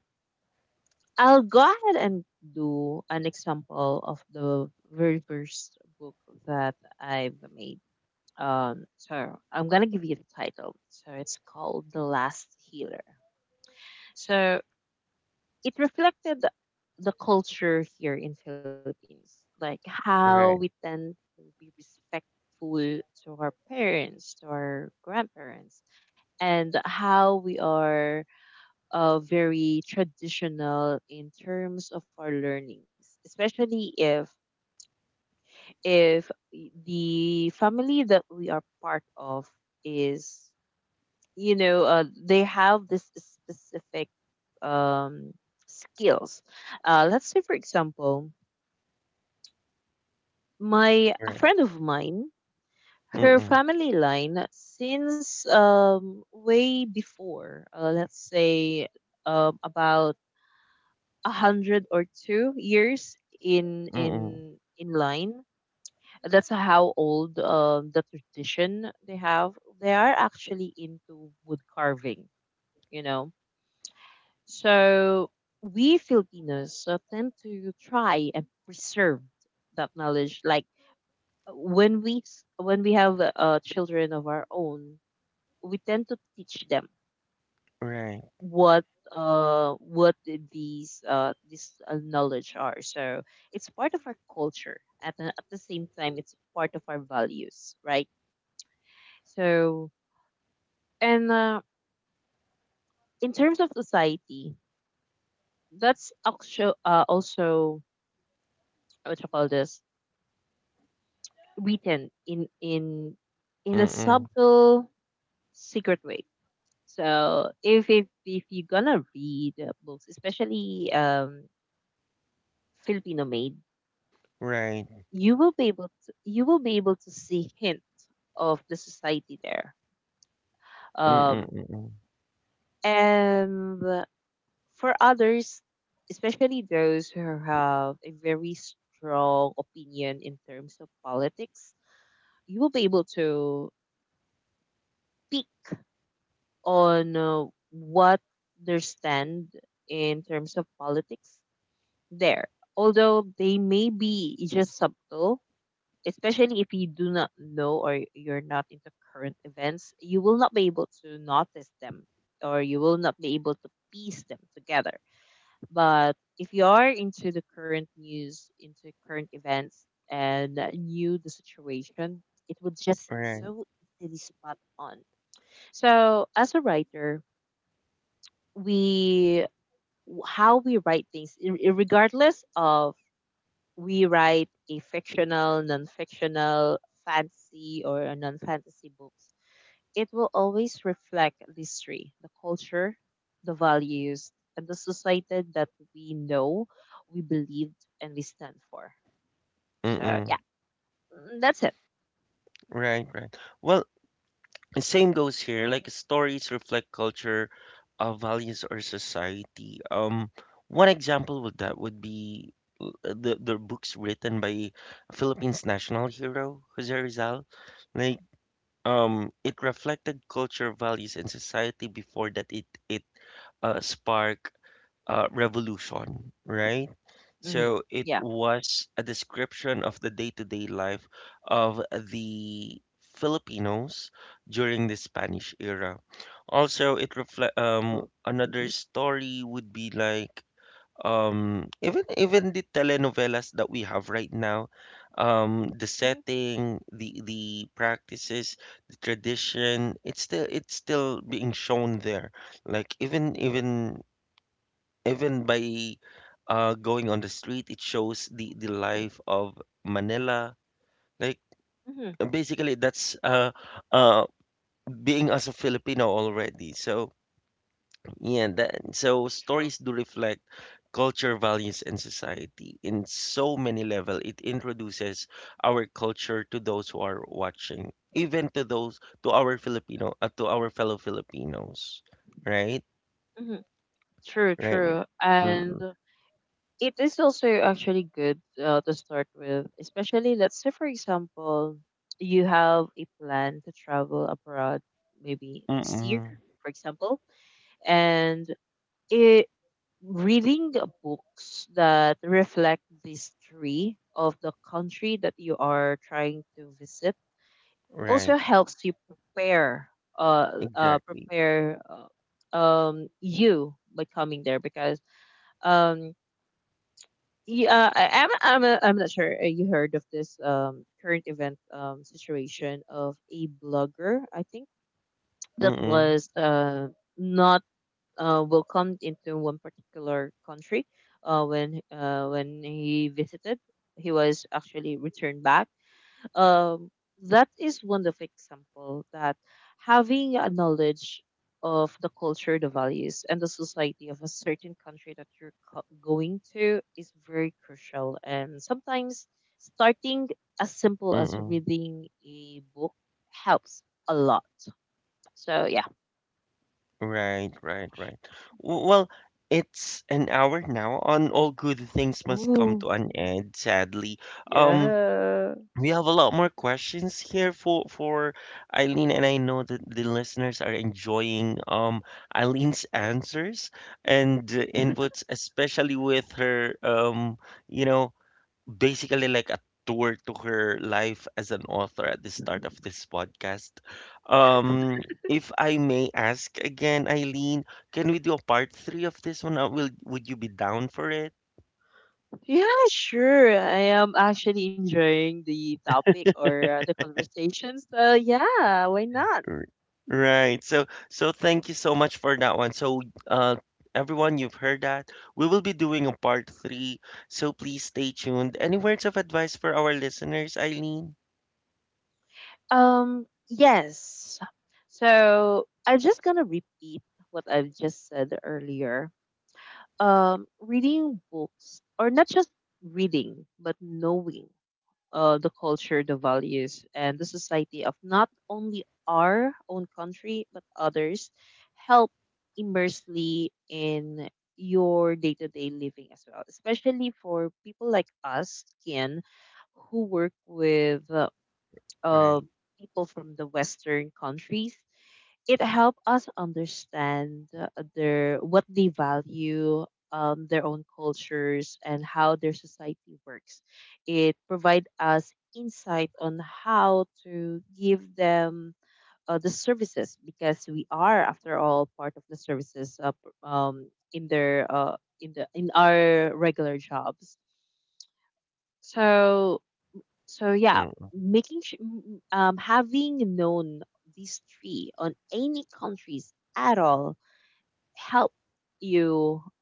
Speaker 2: I'll go ahead and do an example of the very first book that I've made. So I'm gonna give you the title. So it's called The Last Healer. So it reflected the culture here in Philippines, like how we
Speaker 1: Right.
Speaker 2: tend to be respectful to our parents, to our grandparents, and how we are very traditional in terms of our learnings, especially if the family that we are part of is, you know, they have this specific um, skills. Let's say for example, my a
Speaker 1: Right.
Speaker 2: friend of mine, her
Speaker 1: Mm-mm.
Speaker 2: family line since way before, let's say about a hundred or two years in
Speaker 1: Mm-mm.
Speaker 2: in in line. That's how old the tradition they have. They are actually into wood carving, you know. So we Filipinos tend to try and preserve that knowledge. Like when when we have children of our own, we tend to teach them
Speaker 1: Right.
Speaker 2: what what these this knowledge are, so it's part of our culture. At the same time, it's part of our values, right? So, and in terms of society, that's actually, also, what you call this, written in a
Speaker 1: Mm-mm.
Speaker 2: subtle, secret way. So if you're gonna read books, especially filipino made,
Speaker 1: Right.
Speaker 2: you will be able to see hint of the society there. um
Speaker 1: Mm-mm. Mm-mm.
Speaker 2: and for others, especially those who have a very strong opinion in terms of politics, you will be able to pick on what their stand in terms of politics there, although they may be just subtle, especially if you do not know or you're not into current events, you will not be able to notice them or you will not be able to piece them together. But if you are into the current news, into current events, and knew the situation, it would just
Speaker 1: Right.
Speaker 2: so easily spot on. So, as a writer, we how we write things, regardless of we write a fictional, non-fictional, fantasy or a non-fantasy books, it will always reflect the history, the culture, the values, and the society that we know, we believed, and we stand for. So
Speaker 1: Mm-mm.
Speaker 2: yeah, mm, that's it.
Speaker 1: Right. Right. Well, same goes here. Like stories reflect culture, values, or society. One example of that would be the books written by Philippines national hero Jose Rizal. Like um, it reflected culture, values, and society before that it spark revolution, right?
Speaker 2: Hmm.
Speaker 1: So it
Speaker 2: Yeah,
Speaker 1: was a description of the day-to-day life of the Filipinos during the Spanish era. Also, it reflect
Speaker 2: true.
Speaker 1: another story would be like even even the telenovelas that we have right now, the
Speaker 2: Hmm.
Speaker 1: setting, the practices, the tradition, it's still being shown there, like even even even by going on the street, it shows the life of Manila. Like
Speaker 2: Hmm.
Speaker 1: basically that's uh being as a Filipino already. So yeah, that, so
Speaker 2: True.
Speaker 1: stories do reflect culture, values, and society in so many level. It introduces our culture to those who are watching, even to those to our Filipino to our fellow Filipinos, right?
Speaker 2: Hmm. True.
Speaker 1: Right.
Speaker 2: True. And
Speaker 1: Mm-mm.
Speaker 2: it is also actually good, to start with. Especially let's say, for example, you have a plan to travel abroad maybe next year,
Speaker 1: Mm-mm.
Speaker 2: for example, and it reading the books that reflect the history of the country that you are trying to visit
Speaker 1: Right.
Speaker 2: also helps you prepare,
Speaker 1: Exactly.
Speaker 2: you by coming there. Because um yeah, I, I'm not sure you heard of this current event situation of a blogger, I think, that
Speaker 1: Mm-mm.
Speaker 2: was not welcomed into one particular country when he visited. He was actually returned back. um, that is one of example that having a knowledge of the culture, the values, and the society of a certain country that you're going to is very crucial. And sometimes, starting as simple as
Speaker 1: Mm-mm.
Speaker 2: reading a book helps a lot. So yeah.
Speaker 1: Right. Right. Right. Well, it's an hour now on all good things must come
Speaker 2: Ooh,
Speaker 1: to an end, sadly. Um,
Speaker 2: yeah.
Speaker 1: we have a lot more questions here for Eileen, and I know that the listeners are enjoying Eileen's answers and inputs, especially with her you know basically like a tour to her life as an author at the start of this podcast. Um, if I may ask again, Eileen, can we do a part three of this one? Will would you be down for it?
Speaker 2: Yeah, sure. I am actually enjoying the topic, or the conversation. So yeah, why not?
Speaker 1: R- Right. Thank you so much for that one. So uh everyone you've heard that. We will be doing a part three. So please stay tuned. Any words of advice for our listeners, Eileen?
Speaker 2: Yes. So I'm just gonna repeat what I've just said earlier. Reading books, or not just reading, but knowing the culture, the values, and the society of not only our own country but others, help immersely in your day-to-day living as well. Especially for people like us, Kian, who work with, uh,
Speaker 1: Right.
Speaker 2: people from the Western countries. It helped us understand their what they value, their own cultures, and how their society works. It provide us insight on how to give them the services, because we are, after all, part of the services in their in the in our regular jobs. So so yeah,
Speaker 1: Mm.
Speaker 2: having known these three on any countries at all help you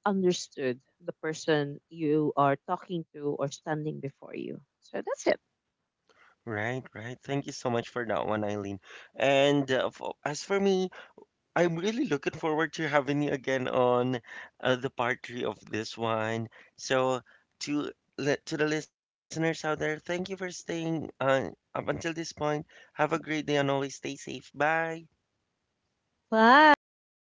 Speaker 2: understood the person you are talking to or standing before you. So that's it.
Speaker 1: Right, right. Thank you so much for that one, Eileen. And f as for me, I'm really looking forward to having you again on the part three of this one. So, to to the listeners out there, thank you for staying up until this point. Have a great day and always stay safe. Bye.
Speaker 2: Bye.